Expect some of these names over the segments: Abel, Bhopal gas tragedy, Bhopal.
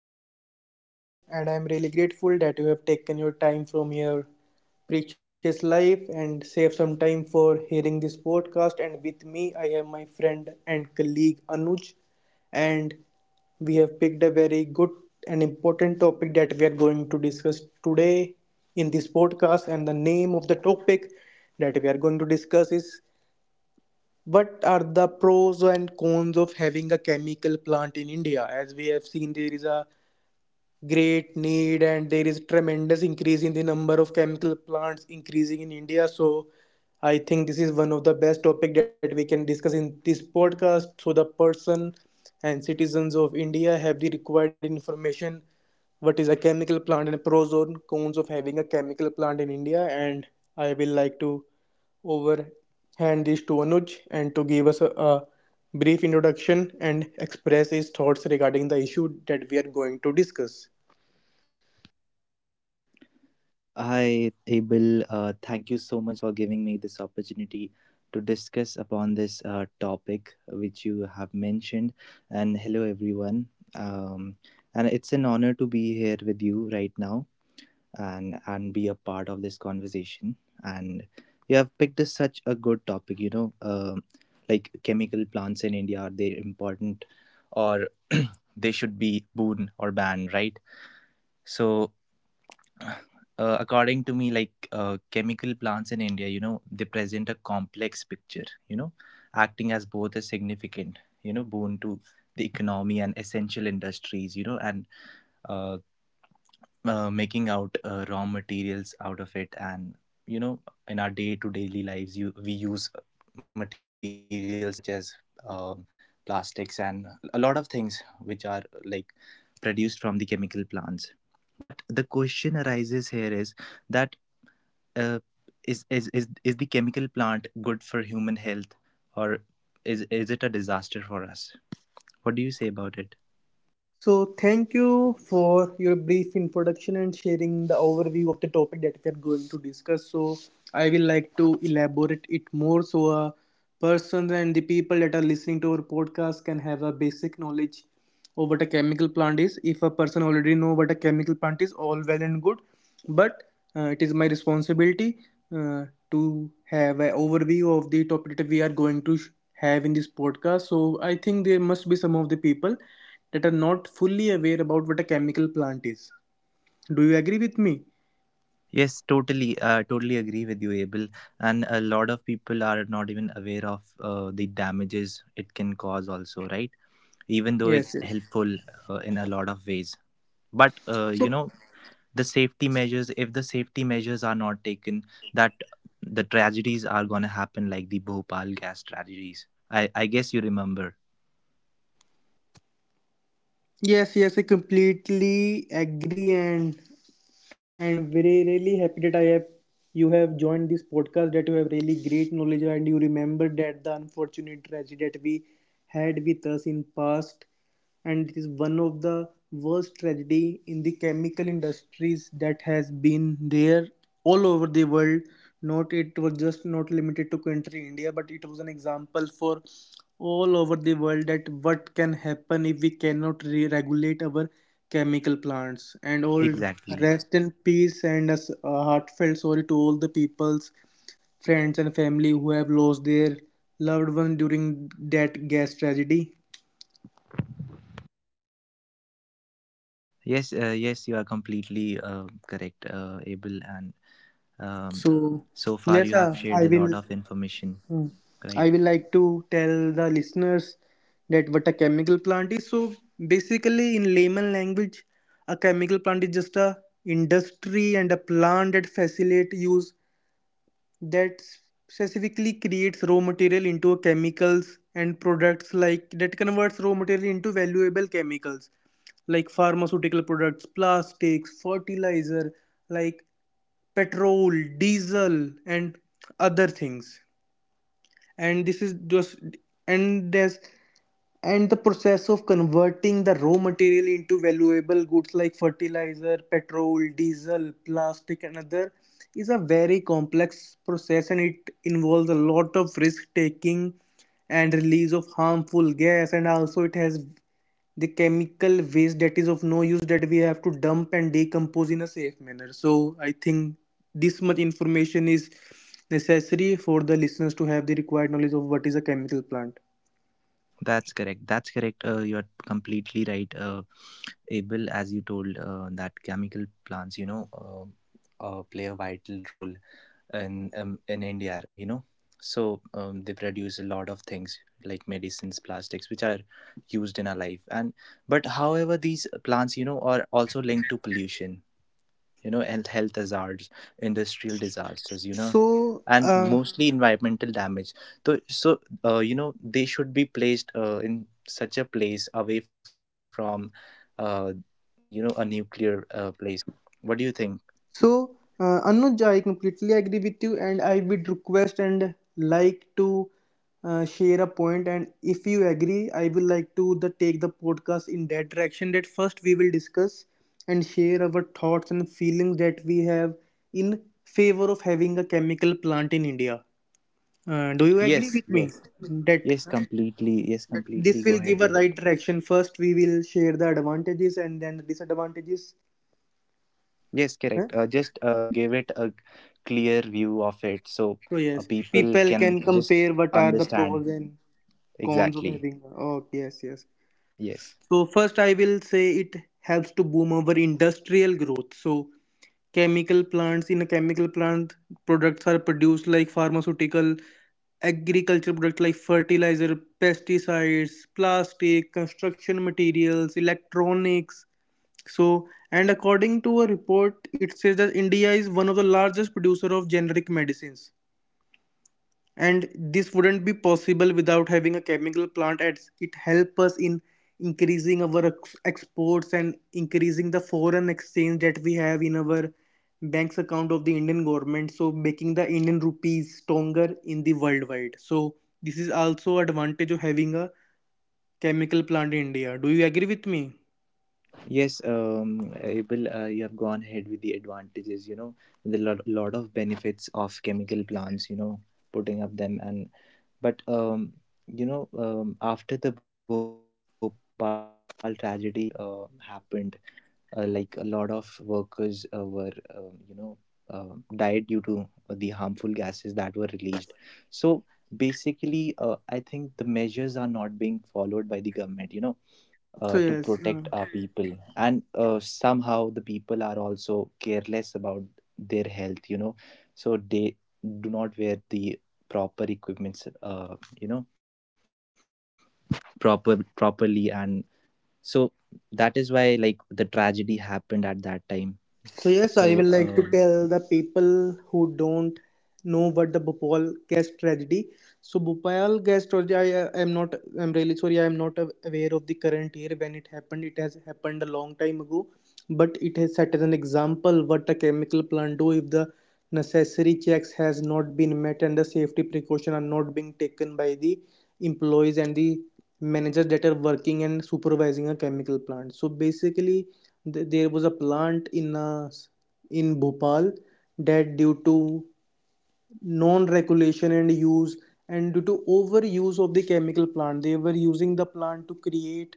host Abel, and I'm really grateful that you have taken your time from your precious life and save some time for hearing this podcast. And with me, I have my friend and colleague Anuj, and we have picked a very good and important topic that we are going to discuss today in this podcast. And the name of the topic that we are going to discuss is, what are the pros and cons of having a chemical plant in India? As we have seen, there is a great need and there is tremendous increase in the number of chemical plants increasing in India, so I think this is one of the best topic that we can discuss in this podcast, so the person and citizens of India have the required information what is a chemical plant and pros and cons of having a chemical plant in India. And I will like to overhand this to Anuj and to give us a brief introduction and express his thoughts regarding the issue that we are going to discuss. Hi, Abel. Thank you so much for giving me this opportunity to discuss upon this topic which you have mentioned. And hello, everyone. Um, and it's an honor to be here with you right now and be a part of this conversation. And you have picked a, such a good topic. You know, like chemical plants in India, are they important or they should be boon or ban, right? So according to me, like chemical plants in India, you know, they present a complex picture, you know, acting as both a significant, you know, boon to the economy and essential industries, you know, and uh, making out raw materials out of it. And, you know, in our day to daily lives, we use materials such as um, plastics and a lot of things which are like produced from the chemical plants. But the question arises here is, that uh, is the chemical plant good for human health, or is it a disaster for us? What do you say about it? So, thank you for your brief introduction and sharing the overview of the topic that we are going to discuss. So, I will like to elaborate it more so persons and the people that are listening to our podcast can have a basic knowledge or what a chemical plant is. If a person already know what a chemical plant is, all well and good, but it is my responsibility uh, to have an overview of the topic that we are going to have in this podcast. So I think there must be some of the people that are not fully aware about what a chemical plant is. Do you agree with me? Yes, totally. Totally agree with you, Abel. And a lot of people are not even aware of the damages it can cause also, right? Even though it's Yes, yes. helpful in a lot of ways. But So you know, the safety measures, if the safety measures are not taken, that the tragedies are going to happen, like the Bhopal gas tragedies. I guess you remember. Yes, yes, I completely agree, and very really happy that I have you have joined this podcast, that you have really great knowledge and you remember that the unfortunate tragedy that we had with us in past. And it is one of the worst tragedy in the chemical industries that has been there all over the world. Not it was just not limited to country India, but it was an example for all over the world that what can happen if we cannot regulate our chemical plants and all. Exactly. Rest in peace, and a heartfelt sorry to all the people's friends and family who have lost their loved one during that gas tragedy. Yes, yes, you are completely correct, Abel. And um, So so far yes, you have I shared a will. lot of information, hmm, I right? will like to tell the listeners that what a chemical plant is. So basically, in layman language, a chemical plant is just a industry and a plant that facilitate use that specifically creates raw material into chemicals and products, like that converts raw material into valuable chemicals like pharmaceutical products, plastics, fertilizer, like petrol, diesel and other things. And this is just and there's and the process of converting the raw material into valuable goods like fertilizer, petrol, diesel, plastic and other is a very complex process, and it involves a lot of risk taking and release of harmful gas, and also it has the chemical waste that is of no use that we have to dump and decompose in a safe manner. So I think this much information is necessary for the listeners to have the required knowledge of what is a chemical plant. That's correct. That's correct. You're completely right, Abel. As you told, that chemical plants, you know, play a vital role in India, you know. So they produce a lot of things like medicines, plastics, which are used in our life. And But however, these plants, you know, are also linked to pollution, you know, and health hazards, industrial disasters, you know, So and uh, mostly environmental damage. So, you know, they should be placed in such a place away from, uh, you know, a nuclear place. What do you think? So, Anuj, I completely agree with you, and I would request and like to share a point. And if you agree, I will like to the take the podcast in that direction. That first we will discuss and share our thoughts and feelings that we have in favor of having a chemical plant in India. Do you Yes, agree with yes. me that Yes, completely. Yes, completely. this Go will ahead give a with it. right direction? First, we will share the advantages and then the disadvantages. Yes, Huh? correct. Just give it a clear view of it, so So yes, people people can can just compare what are the understand. pros and cons of Exactly. having. Oh yes, yes. Yes. So first, I will say it helps to boom our industrial growth. So chemical plants in a chemical plant, products are produced like pharmaceutical, agriculture products like fertilizer, pesticides, plastic, construction materials, electronics. So and according to a report, it says that India is one of the largest producer of generic medicines, and this wouldn't be possible without having a chemical plant, as it helps us in increasing our exports and increasing the foreign exchange that we have in our bank's account of the Indian government, so making the Indian rupees stronger in the worldwide. So this is also advantage of having a chemical plant in India. Do you agree with me? Yes, Abel, you have gone ahead with the advantages, you know, the lot of benefits of chemical plants, you know, putting up them. And but um, you know, after the Bhopal tragedy happened, like a lot of workers were, you know, died due to the harmful gases that were released. So basically I think the measures are not being followed by the government, you know, So to yes, protect our people. And somehow the people are also careless about their health, you know. So they do not wear the proper equipments you know, properly. And so That is why like the tragedy happened at that time. so yes, I will like to so tell uh, the people who don't know what the Bhopal gas tragedy. So Bhopal gas tragedy, I am not, I'm really sorry, I am not aware of the current year when it happened. It has happened a long time ago, but it has set as an example what a chemical plant do if the necessary checks has not been met and the safety precaution are not being taken by the employees and the managers that are working and supervising a chemical plant. So basically there was a plant in Bhopal that due to non-regulation and use and due to overuse of the chemical plant, they were using the plant to create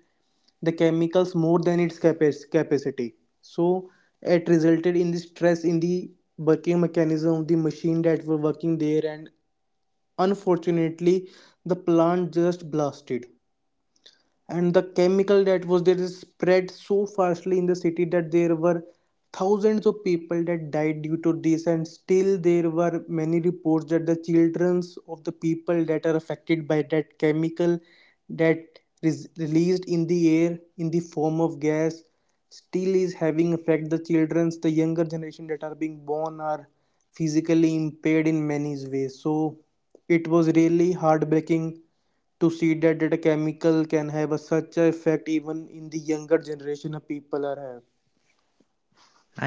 the chemicals more than its capacity. So it resulted in the stress in the working mechanism of the machine that were working there, and unfortunately the plant just blasted, and the chemical that was there is spread so fastly in the city that there were thousands of people that died due to this. And still there were many reports that the childrens of the people that are affected by that chemical that is released in the air in the form of gas still is having effect. The childrens, the younger generation that are being born are physically impaired in many ways. So it was really heartbreaking to see that, that a chemical can have such a effect even in the younger generation of people are have.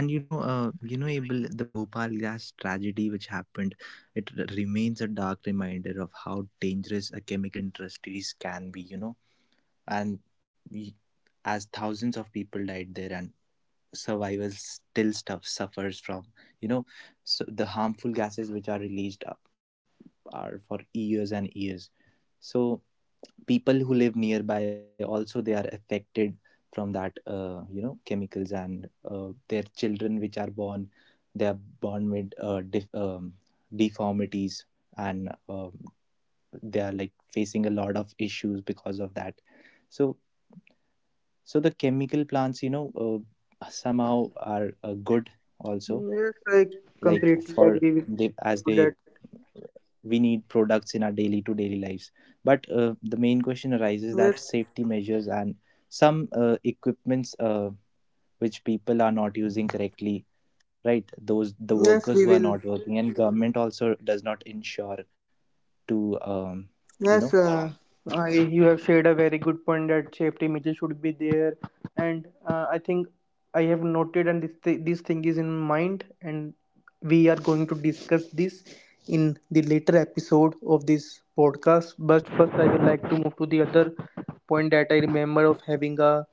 and you know, you know, Abel, the Bhopal gas tragedy which happened, it remains a dark reminder of how dangerous a chemical industries can be, you know. And we, as thousands of people died there, and survivors still stuff suffers from, you know. So the harmful gases which are released up are for years and years. So people who live nearby also, they are affected from that, you know, chemicals. And their children which are born, they are born with deformities and they are like facing a lot of issues because of that. So so the chemical plants, you know, somehow are good also, Yes, I like completely for agree with they you that as they we need products in our daily to daily lives. But yes, the main question arises that safety measures and some equipments which people are not using correctly, right? yes, we Those, will. the workers who are not working, and government also does not ensure to Yes, you know. Uh, I, you have shared a very good point that safety measures should be there, and I think I have noted and this this thing is in mind, and we are going to discuss this in the later episode of this podcast. But first, I would like to move to the other point that I remember of having a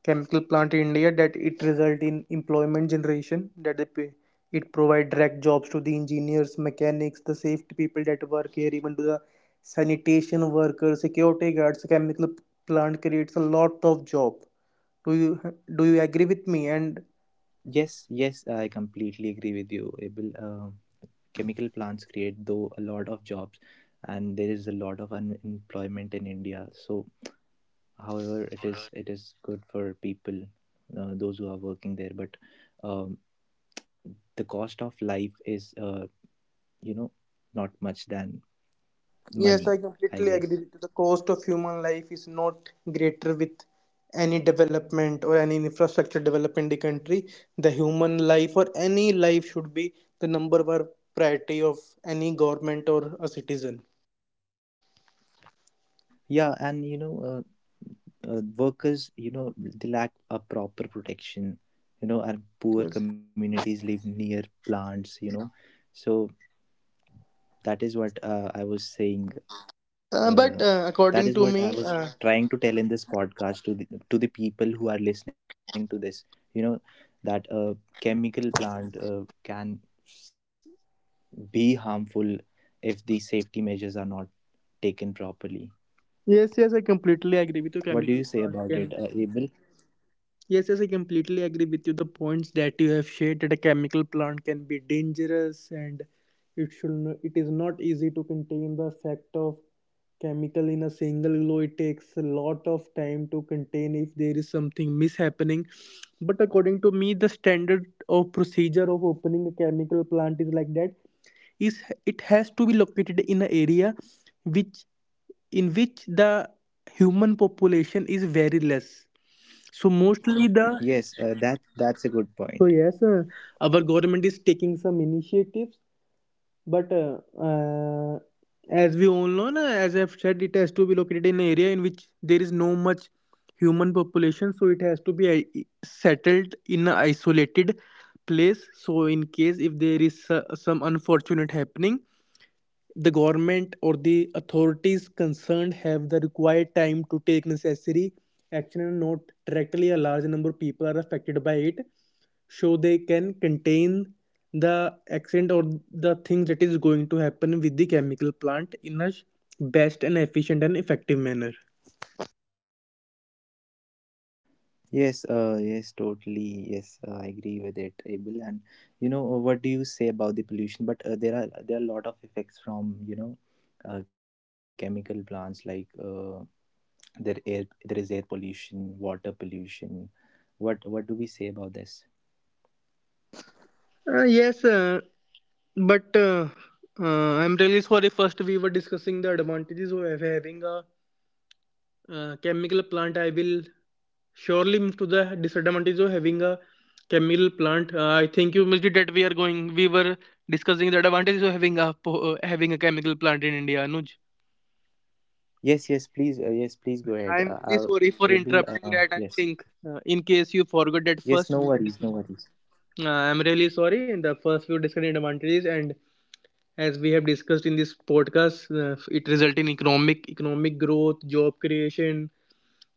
chemical plant in India, that it result in employment generation, that they pay, it provide direct jobs to the engineers, mechanics, the safety people that work here, even to the sanitation workers, security guards. Chemical plant creates a lot of job. Do you agree with me? And Yes, yes, I completely agree with you, Abel. Chemical plants create though a lot of jobs, and there is a lot of unemployment in India. So however, it is good for people those who are working there. But um, the cost of life is, you know, not much than Yes, money, I I completely agree guess. with you. The cost of human life is not greater with any development or any infrastructure development in the country. The human life or any life should be the number one priority of any government or a citizen. Yeah. And you know, workers, you know, they lack a proper protection, you know, and poor Yes. communities live near plants, you know. So that is what I was saying, uh, But that according is to what I me, was trying to tell in this podcast, to the people who are listening to this, you know, that a chemical plant s- be harmful if the safety measures are not taken properly. yes, yes, I completely What do agree you with say you. about Chemical it, plant Abel? can Yes, yes, I completely agree with you. The points that you have shared that a chemical plant can be dangerous, and it should it is not easy to contain the effect of chemical in a single glow. It takes a lot of time to contain if there is something mishappening. But according to me, the standard of procedure of opening a chemical plant is like that. Is it has to be located in an area which in which the human population is very less. So mostly the Yes, that, that's a good so point. yes, our government is taking some initiatives, but as we all know, na, as I've said, it has to be located in an area in which there is no much human population, so it has to be settled in an isolated place. So in case if there is some unfortunate happening, the government or the authorities concerned have the required time to take necessary action, and not directly a large number of people are affected by it, so they can contain the accident or the thing that is going to happen with the chemical plant in a best and efficient and effective manner. Yes, yes, totally. Yes, I agree with it, Abel. And you know, what do you say about the pollution? But there are a lot of effects from, you know, chemical plants, like there is air pollution, water pollution. What do we say about this? Yes, but I'm really sorry. First, we were discussing the advantages of having a chemical plant. I will surely move to the disadvantage of having a chemical plant. I think you missed it that we are going we were discussing the advantages of having a chemical plant in India, Anuj. Yes, yes, please, yes, please go ahead. I'm really sorry for Abel, interrupting, that I yes, think in case you forgot that yes, first no we are worries, no discussing. worries. I'm really sorry, in the first we were discussing advantages, and as we have discussed in this podcast, it result in economic growth, job creation,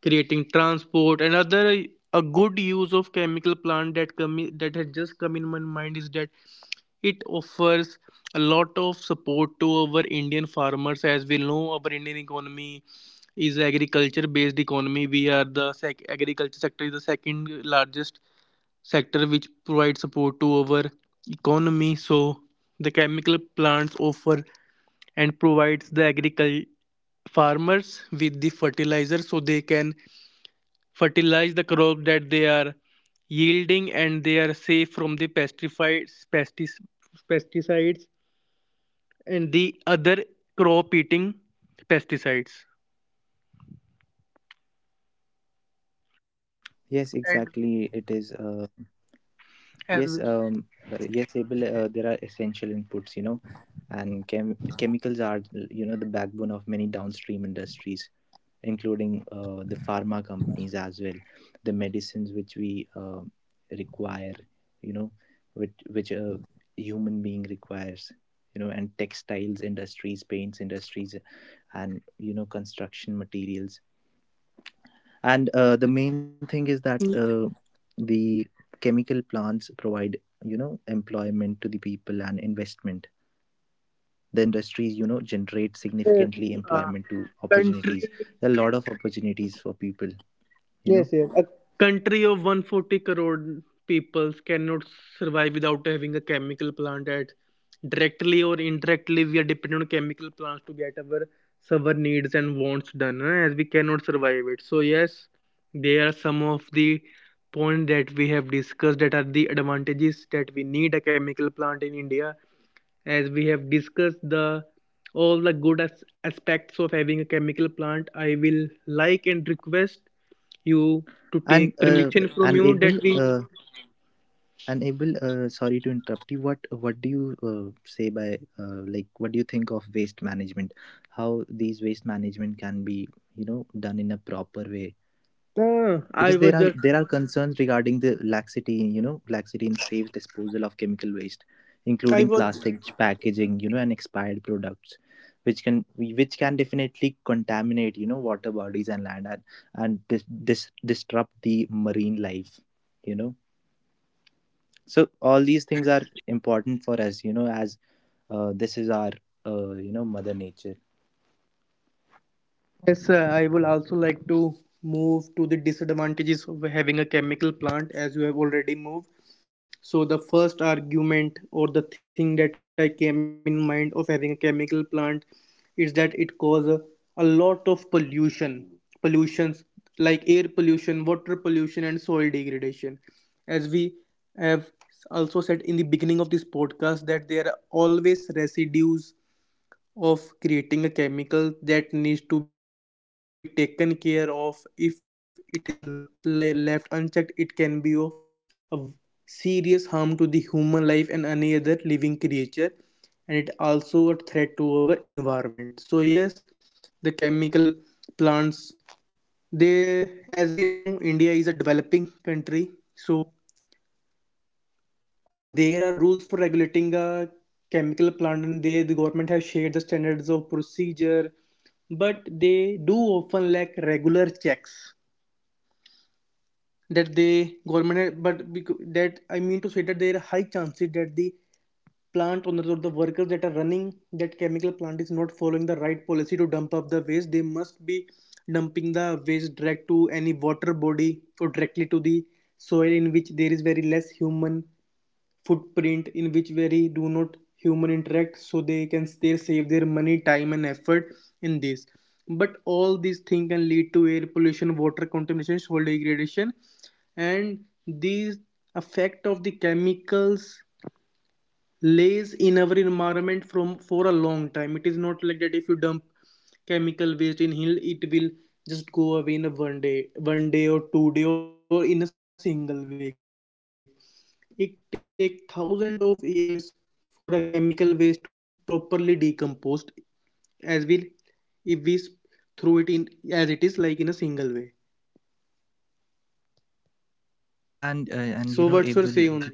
creating transport. Another A good use of chemical plant that has just come in my mind is that it offers a lot of support to our Indian farmers. As we know, our Indian economy is agriculture based economy. We are the sec- Agriculture sector is the second largest sector which provides support to our economy. So the chemical plants offer and provides the agriculture farmers with the fertilizer, so they can fertilize the crop that they are yielding, and they are safe from the pesticides, and the other crop eating pesticides, Yes, and exactly. It is. As Yes, yes, Abel, there are essential inputs, you know, and chemicals are, you know, the backbone of many downstream industries, including the pharma companies as well, the medicines which we require, you know, which a human being requires, you know, and textiles industries, paints industries, and you know, construction materials. And the main thing is that the chemical plants provide, you know, employment to the people and investment. The industries, you know, generate well, significantly uh, employment to opportunities. country. There are a lot of opportunities for people, you Yes, know. yes. Country of 140 crore peoples cannot survive without having a chemical plant at. Directly or indirectly, we are dependent on chemical plants to get our needs and wants done, eh, as we cannot survive it. So yes, there are some of the points that we have discussed that are the advantages, that we need a chemical plant in India. As we have discussed the all the good aspects of having a chemical plant, I will like and request you to And take permission from and you able that we. uh, and able sorry to interrupt you. What do you say by, like, what do you think of waste management? How these waste management can be, you know, done in a proper way? Ah, I Because was just there are concerns regarding the laxity, you know, laxity in safe disposal of chemical waste, I including was plastic packaging, you know, and expired products, which can definitely contaminate, you know, water bodies and land, and and disrupt the marine life, you know. So all these things are important for us, you know, as this is our, you know, mother nature. Yes, I will also like to move to the disadvantages of having a chemical plant, as you have already moved. So the first argument or the thing that I came in mind of having a chemical plant is that it causes a lot of pollutions like air pollution, water pollution, and soil degradation. As we have also said in the beginning of this podcast, that there are always residues of creating a chemical that needs to be taken care of. If it is left unchecked, it can be of serious harm to the human life and any other living creature, and it also a threat to our environment. So yes, the chemical plants, they, as we know, India is a developing country, so there are rules for regulating a chemical plant, and they, the government have shared the standards of procedure, but they do often lack regular checks, that they government, but that I mean to say, that there are high chances that the plant owners or the workers that are running that chemical plant is not following the right policy to dump up the waste. They must be dumping the waste direct to any water body or directly to the soil, in which there is very less human footprint, in which very do not human interact, so they can still save their money, time, and effort in this. But all these things can lead to air pollution, water contamination, soil degradation, and these effect of the chemicals lays in our environment from for a long time. It is not like that if you dump chemical waste in hill, it will just go away in a one day or 2 day or in a single week. It take thousands of years for a chemical waste to be properly decomposed as well, if we throw it in as it is like in a single way. And you know, able So the what's your say on plastic this? use,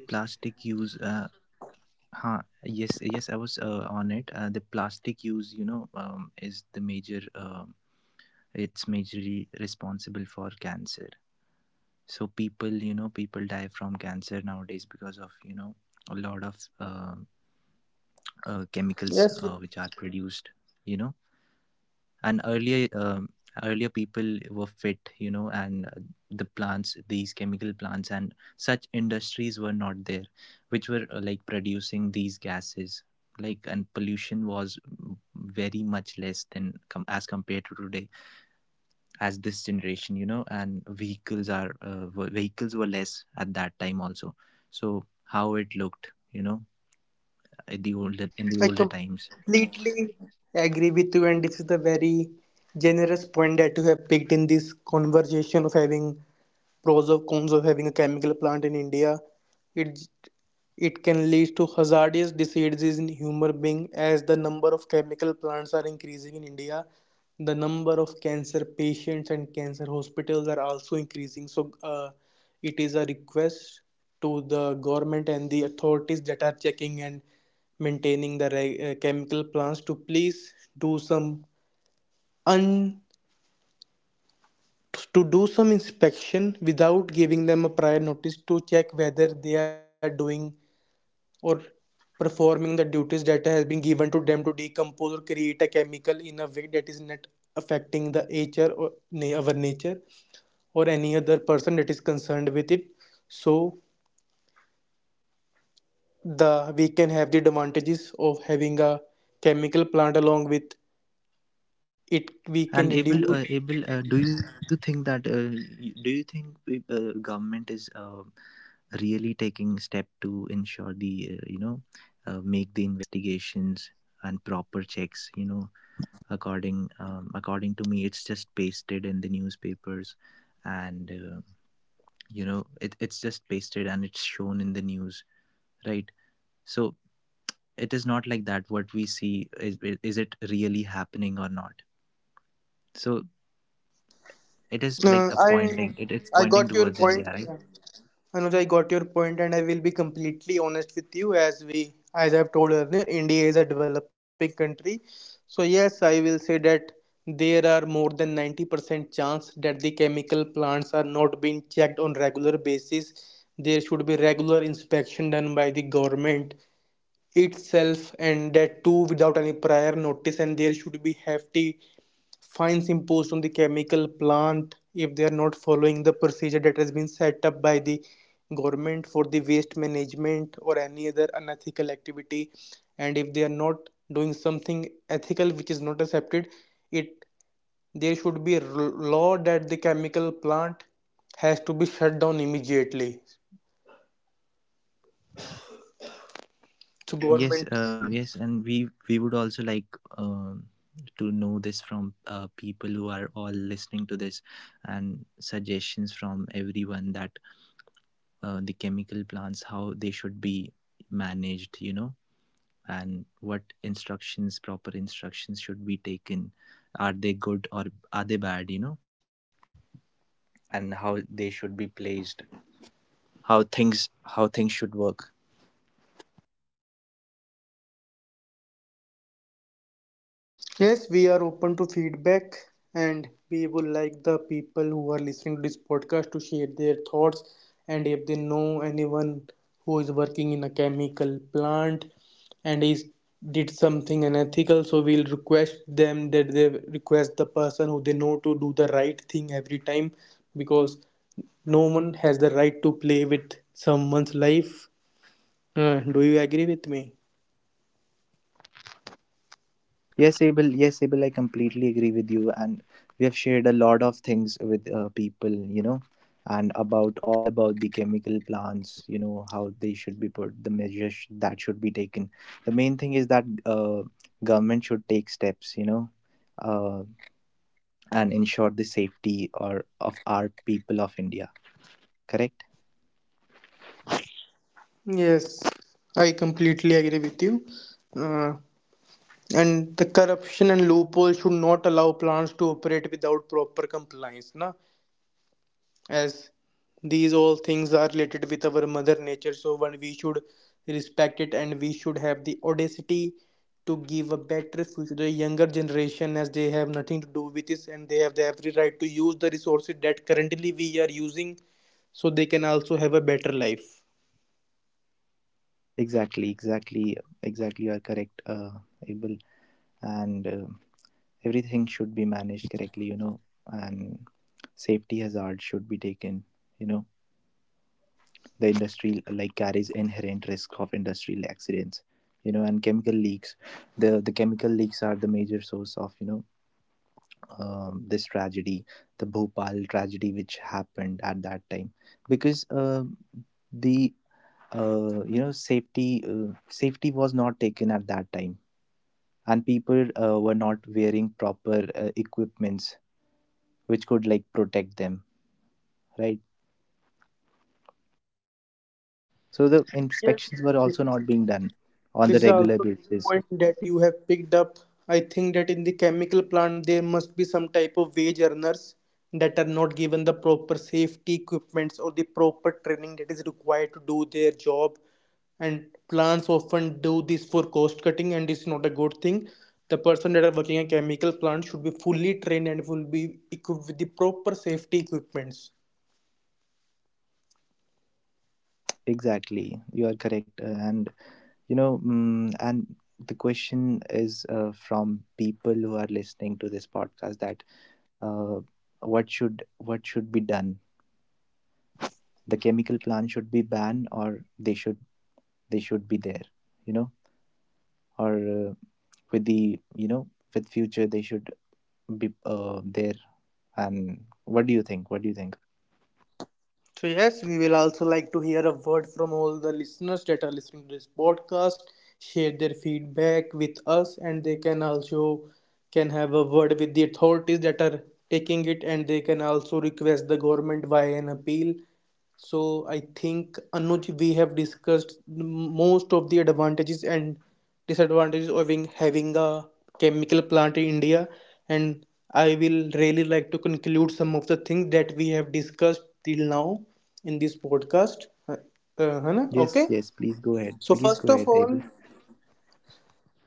huh. Yes. Yes, I was on it. The plastic use, you know, is the major. It, it's majorly responsible for cancer. So people, you know, people die from cancer nowadays because of, you know, a lot of chemicals Yes, which are produced. You know, and earlier people were fit, you know. And the plants, these chemical plants and such industries were not there, which were like producing these gases, like. And pollution was very much less than as compared to today, as this generation, you know. And vehicles were less at that time also. So how it looked, you know, at the older in I the older times. completely agree with you, and this is the very generous point that you have picked in this conversation of having pros or cons of having a chemical plant in India. it it can lead to hazardous diseases in human being. As the number of chemical plants are increasing in India, the number of cancer patients and cancer hospitals are also increasing. So it is a request to the government and the authorities that are checking and maintaining the right, chemical plants, to please do some un to do some inspection without giving them a prior notice, to check whether they are doing or performing the duties that has been given to them to decompose or create a chemical in a way that is not affecting the nature, or our nature, or any other person that is concerned with it. So the, we can have the advantages of having a chemical plant, along with it we can And able, reduce. Able. Do you think that? Do you think government is really taking step to ensure the you know, make the investigations and proper checks? You know, according to me, it's just pasted in the newspapers, and you know, it, it's just pasted and it's shown in the news, right? So it is not like that. What we see is it really happening or not? So it is like No, a I it's I pointing got your towards India, point. right? Anuj, I got your point, and I will be completely honest with you. As we, as I've told earlier, India is a developing country, so yes, I will say that there are more than 90% chance that the chemical plants are not being checked on regular basis. There should be regular inspection done by the government itself, and that too without any prior notice. And there should be hefty fines imposed on the chemical plant if they are not following the procedure that has been set up by the government for the waste management or any other unethical activity. And if they are not doing something ethical, which is not accepted, it, there should be a law that the chemical plant has to be shut down immediately. So And yes, government. Yes, and we would also like uh, to know this from people who are all listening to this, and suggestions from everyone, that the chemical plants, how they should be managed, you know, and what instructions proper instructions should be taken. Are they good or are they bad, you know? And how they should be placed, how things how things should work. Yes, we are open to feedback, and we would like the people who are listening to this podcast to share their thoughts. And if they know anyone who is working in a chemical plant and is did something unethical, so we'll request them that they request the person who they know to do the right thing every time, because no one has the right to play with someone's life. Do you agree with me? Yes, Abel. Yes, Abel. I completely agree with you. And we have shared a lot of things with people, you know, and about all about the chemical plants, you know, how they should be put, the measures that should be taken. The main thing is that government should take steps, you know, uh, and ensure the safety or of our people of India. Correct? Yes, I completely agree with you. uh, And the corruption and loopholes should not allow plants to operate without proper compliance, na? As these all things are related with our mother nature, so one we should respect it, and we should have the audacity to give a better future to the younger generation, as they have nothing to do with this, and they have the every right to use the resources that currently we are using, so they can also have a better life. Exactly. Exactly. Exactly. You are correct, Abel. And everything should be managed correctly, and safety hazards should be taken, you know the industry like carries inherent risk of industrial accidents, and chemical leaks. The chemical leaks are the major source of this tragedy, the Bhopal tragedy which happened at that time, because the safety safety was not taken at that time, and people were not wearing proper equipments which could like protect them, right? So the Yes. inspections were also not being done on This the is also regular a big basis. point that you have picked up. I think that in the chemical plant there must be some type of wage earners that are not given the proper safety equipments or the proper training that is required to do their job. And plants often do this for cost cutting, and it's not a good thing. The person that are working a chemical plant should be fully trained and will be equipped with the proper safety equipments. Exactly, you are correct. And and the question is, from people who are listening to this podcast, that uh, what should be done? The chemical plant should be banned, or they should, they should be there, you know or uh, with the, with future they should be there. And what do you think, what do you think? So, yes, we will also like to hear a word from all the listeners that are listening to this podcast. Share their feedback with us, and they can also can have a word with the authorities that are taking it, and they can also request the government via an appeal. So I think, Anuj, we have discussed most of the advantages and disadvantages of having a chemical plant in India, and I will really like to conclude some of the things that we have discussed till now in this podcast. है ना? Yes, Okay. yes, please go ahead. So Please go first of ahead, Abel. all,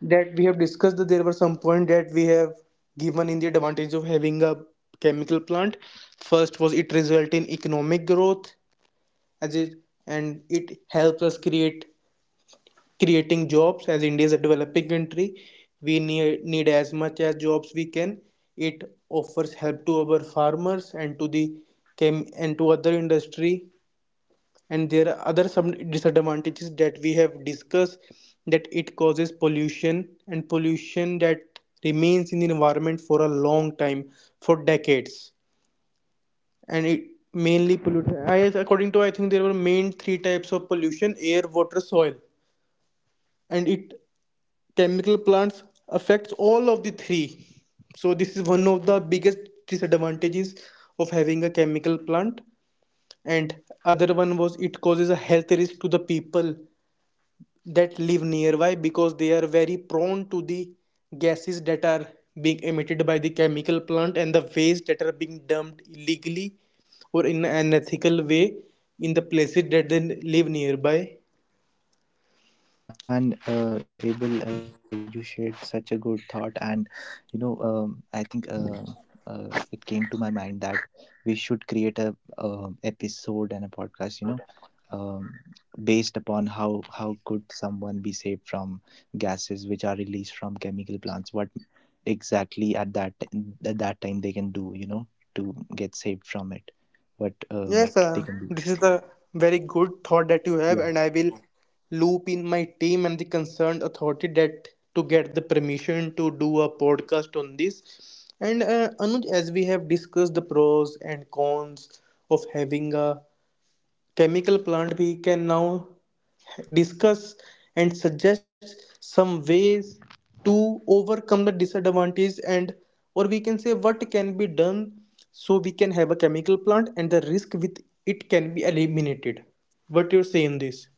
that we have discussed, that there were some point that we have given in the advantage of having a chemical plant. First was it result in economic growth, as it and it helps us create creating jobs, as India is a developing country, we need as much as jobs we can. It offers help to our farmers and to the chem and to other industry. And there are other some disadvantages that we have discussed, that it causes pollution, and pollution that remains in the environment for a long time, for decades, and it mainly polluted, I, according to I think there were main three types of pollution, air, water, soil, and it, chemical plants affects all of the three. So this is one of the biggest disadvantages of having a chemical plant. And other one was it causes a health risk to the people that live nearby, because they are very prone to the gases that are being emitted by the chemical plant and the waste that are being dumped illegally or in an ethical way in the places that they live nearby. And Abel, you shared such a good thought. And, I think it came to my mind that we should create a episode and a podcast, um, based upon how could someone be saved from gases which are released from chemical plants? What exactly at that time they can do, to get saved from it? What Yes, they sir. can do? This is the very good thought that you have, Yeah. and I will loop in my team and the concerned authority that to get the permission to do a podcast on this. And Anuj, as we have discussed the pros and cons of having a chemical plant, we can now discuss and suggest some ways to overcome the disadvantage, and or we can say what can be done so we can have a chemical plant and the risk with it can be eliminated. What you say on this?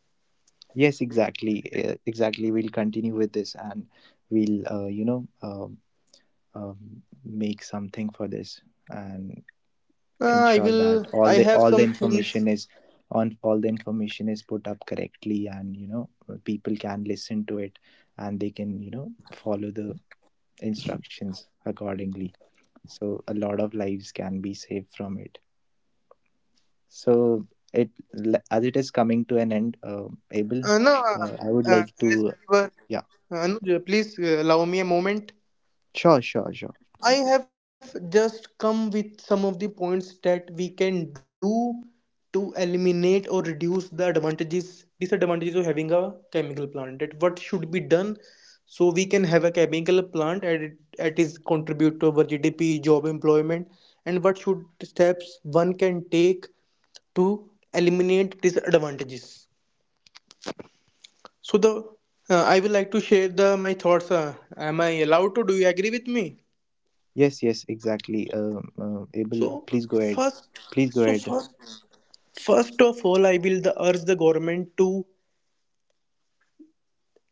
Yes, exactly. Exactly. We'll continue with this, and we'll, make something for this, and uh, i ensure that will i all the have all the some things. information is on, all the information is put up correctly, and people can listen to it, and they can, follow the instructions accordingly, so a lot of lives can be saved from it. So it, as it is coming to an end, Abel, No I would uh, like as to. we were Yeah. Anuj, please allow me a moment. Sure, sure, sure. I have just come with some of the points that we can do to eliminate or reduce the advantages, disadvantages of having a chemical plant. That what should be done so we can have a chemical plant and it is contribute to our GDP, job employment, and what should steps one can take to eliminate disadvantages. So the I will like to share the my thoughts. Am I allowed to? Do you agree with me? Yes, yes, exactly. Abel, So please go ahead. first, Please go so ahead. first, first of all, I will the, urge the government to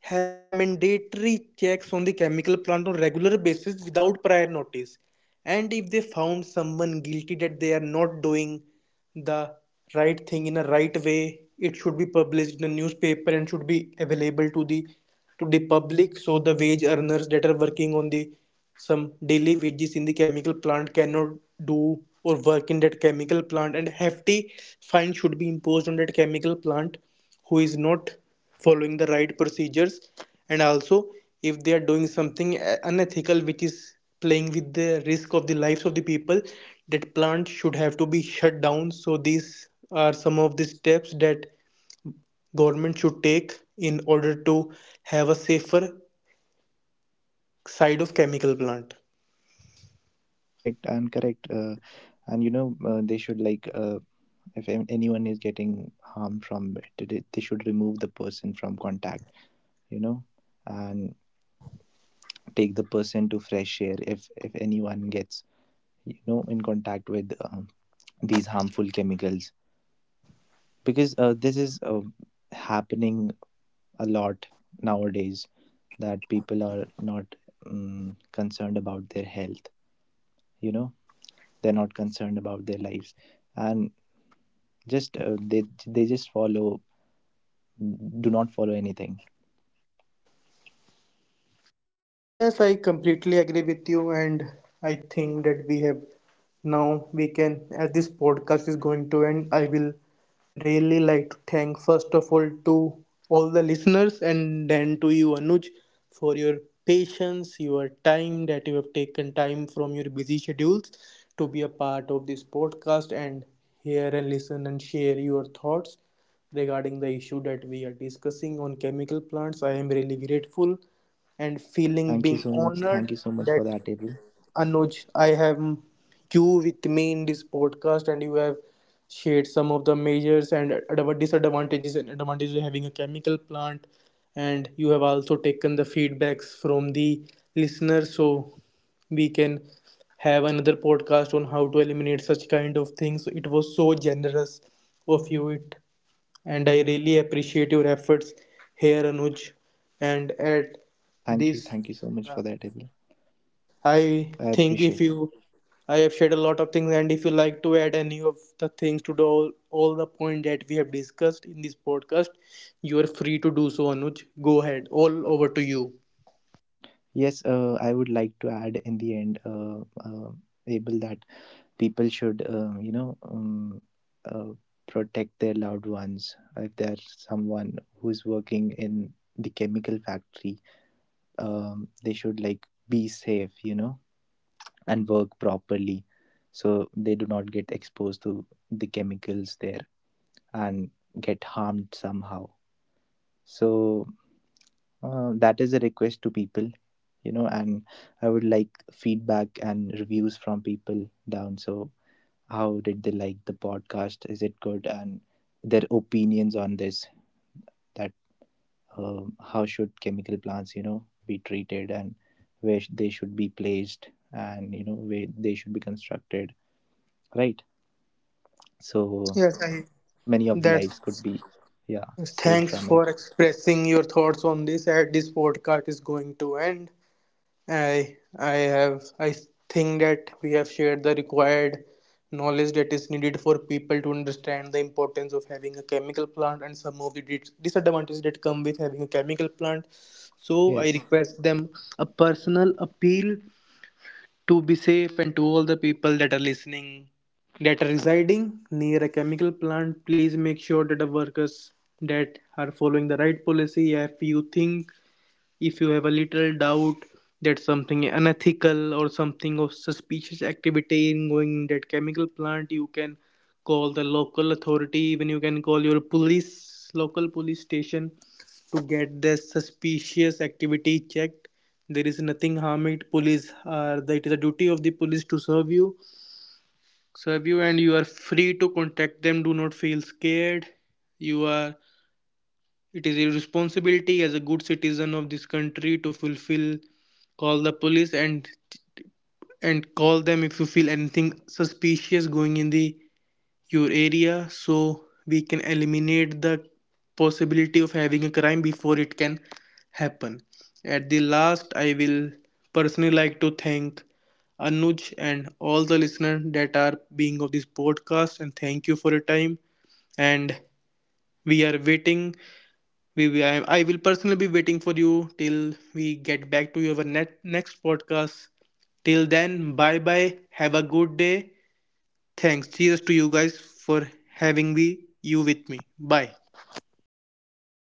have a mandatory checks on the chemical plant on regular basis without prior notice, and if they found someone guilty that they are not doing the right thing in a right way, it should be published in a newspaper and should be available to the public, so the wage earners that are working on the some daily wages in the chemical plant cannot do or work in that chemical plant, and hefty fine should be imposed on that chemical plant who is not following the right procedures. And also if they are doing something unethical, which is playing with the risk of the lives of the people, that plant should have to be shut down. So these are some of the steps that government should take in order to have a safer side of chemical plant. Correct and correct. And they should like, if anyone is getting harm from it, they should remove the person from contact. You know, and take the person to fresh air. If anyone gets, in contact with these harmful chemicals, because this is happening a lot nowadays, that people are not concerned about their health, you know they're not concerned about their lives, and just, they just follow, do not follow anything. Yes, I completely agree with you, and I think that we have now we can, as this podcast is going to end, I will really like to thank first of all to all the listeners and then to you, Anuj, for your patience, your time that you have taken time from your busy schedules to be a part of this podcast and hear and listen and share your thoughts regarding the issue that we are discussing on chemical plants. I am really grateful and feeling Thank you being so much, honored thank you so much for that that, Abel. Anuj, I have you with me in this podcast, and you have shared some of the measures and disadvantages and advantages of having a chemical plant, and you have also taken the feedbacks from the listeners, so we can have another podcast on how to eliminate such kind of things. It was so generous of you. It and I really appreciate your efforts here, Anuj. And at Thank you, this, thank you so much for that, Abel. I I think appreciate. if you, I have shared a lot of things, and if you like to add any of the things to the, all the point that we have discussed in this podcast, you are free to do so, Anuj. Go ahead, all over to you. Yes, I would like to add in the end, Able, that people should, uh, protect their loved ones. If there's someone who's working in the chemical factory, they should like be safe, you know, and work properly, so they do not get exposed to the chemicals there and get harmed somehow. So that is a request to people, you know. And I would like feedback and reviews from people down. So how did they like the podcast? Is it good? And their opinions on this, that how should chemical plants, you know, be treated, and where they should be placed, and, you know, where they should be constructed, right? So Yes, I. many of the lives could That's be, yeah, saved thanks from it. for expressing your thoughts on this. At this podcast is going to end. I think that we have shared the required knowledge that is needed for people to understand the importance of having a chemical plant and some of the disadvantages that come with having a chemical plant. So I Yes. request them a personal appeal to be safe, and to all the people that are listening that are residing near a chemical plant, please make sure that the workers that are following the right policy. If you think if you have a little doubt that something unethical or something of suspicious activity in going in that chemical plant, you can call the local authority, even you can call your police, local police station to get the suspicious activity checked. There is nothing harm it. Police are the, it is the duty of the police to serve you, and you are free to contact them. Do not feel scared. You are it is a responsibility as a good citizen of this country to fulfill call the police and call them if you feel anything suspicious going in the your area so we can eliminate the possibility of having a crime before it can happen. At the last, I will personally like to thank Anuj and all the listeners that are being of this podcast, and thank you for your time. And we are waiting I will personally be waiting for you till we get back to your next podcast. Till then, bye bye. Have a good day. Thanks. Cheers to you guys for having me you with me. Bye. Bye bye.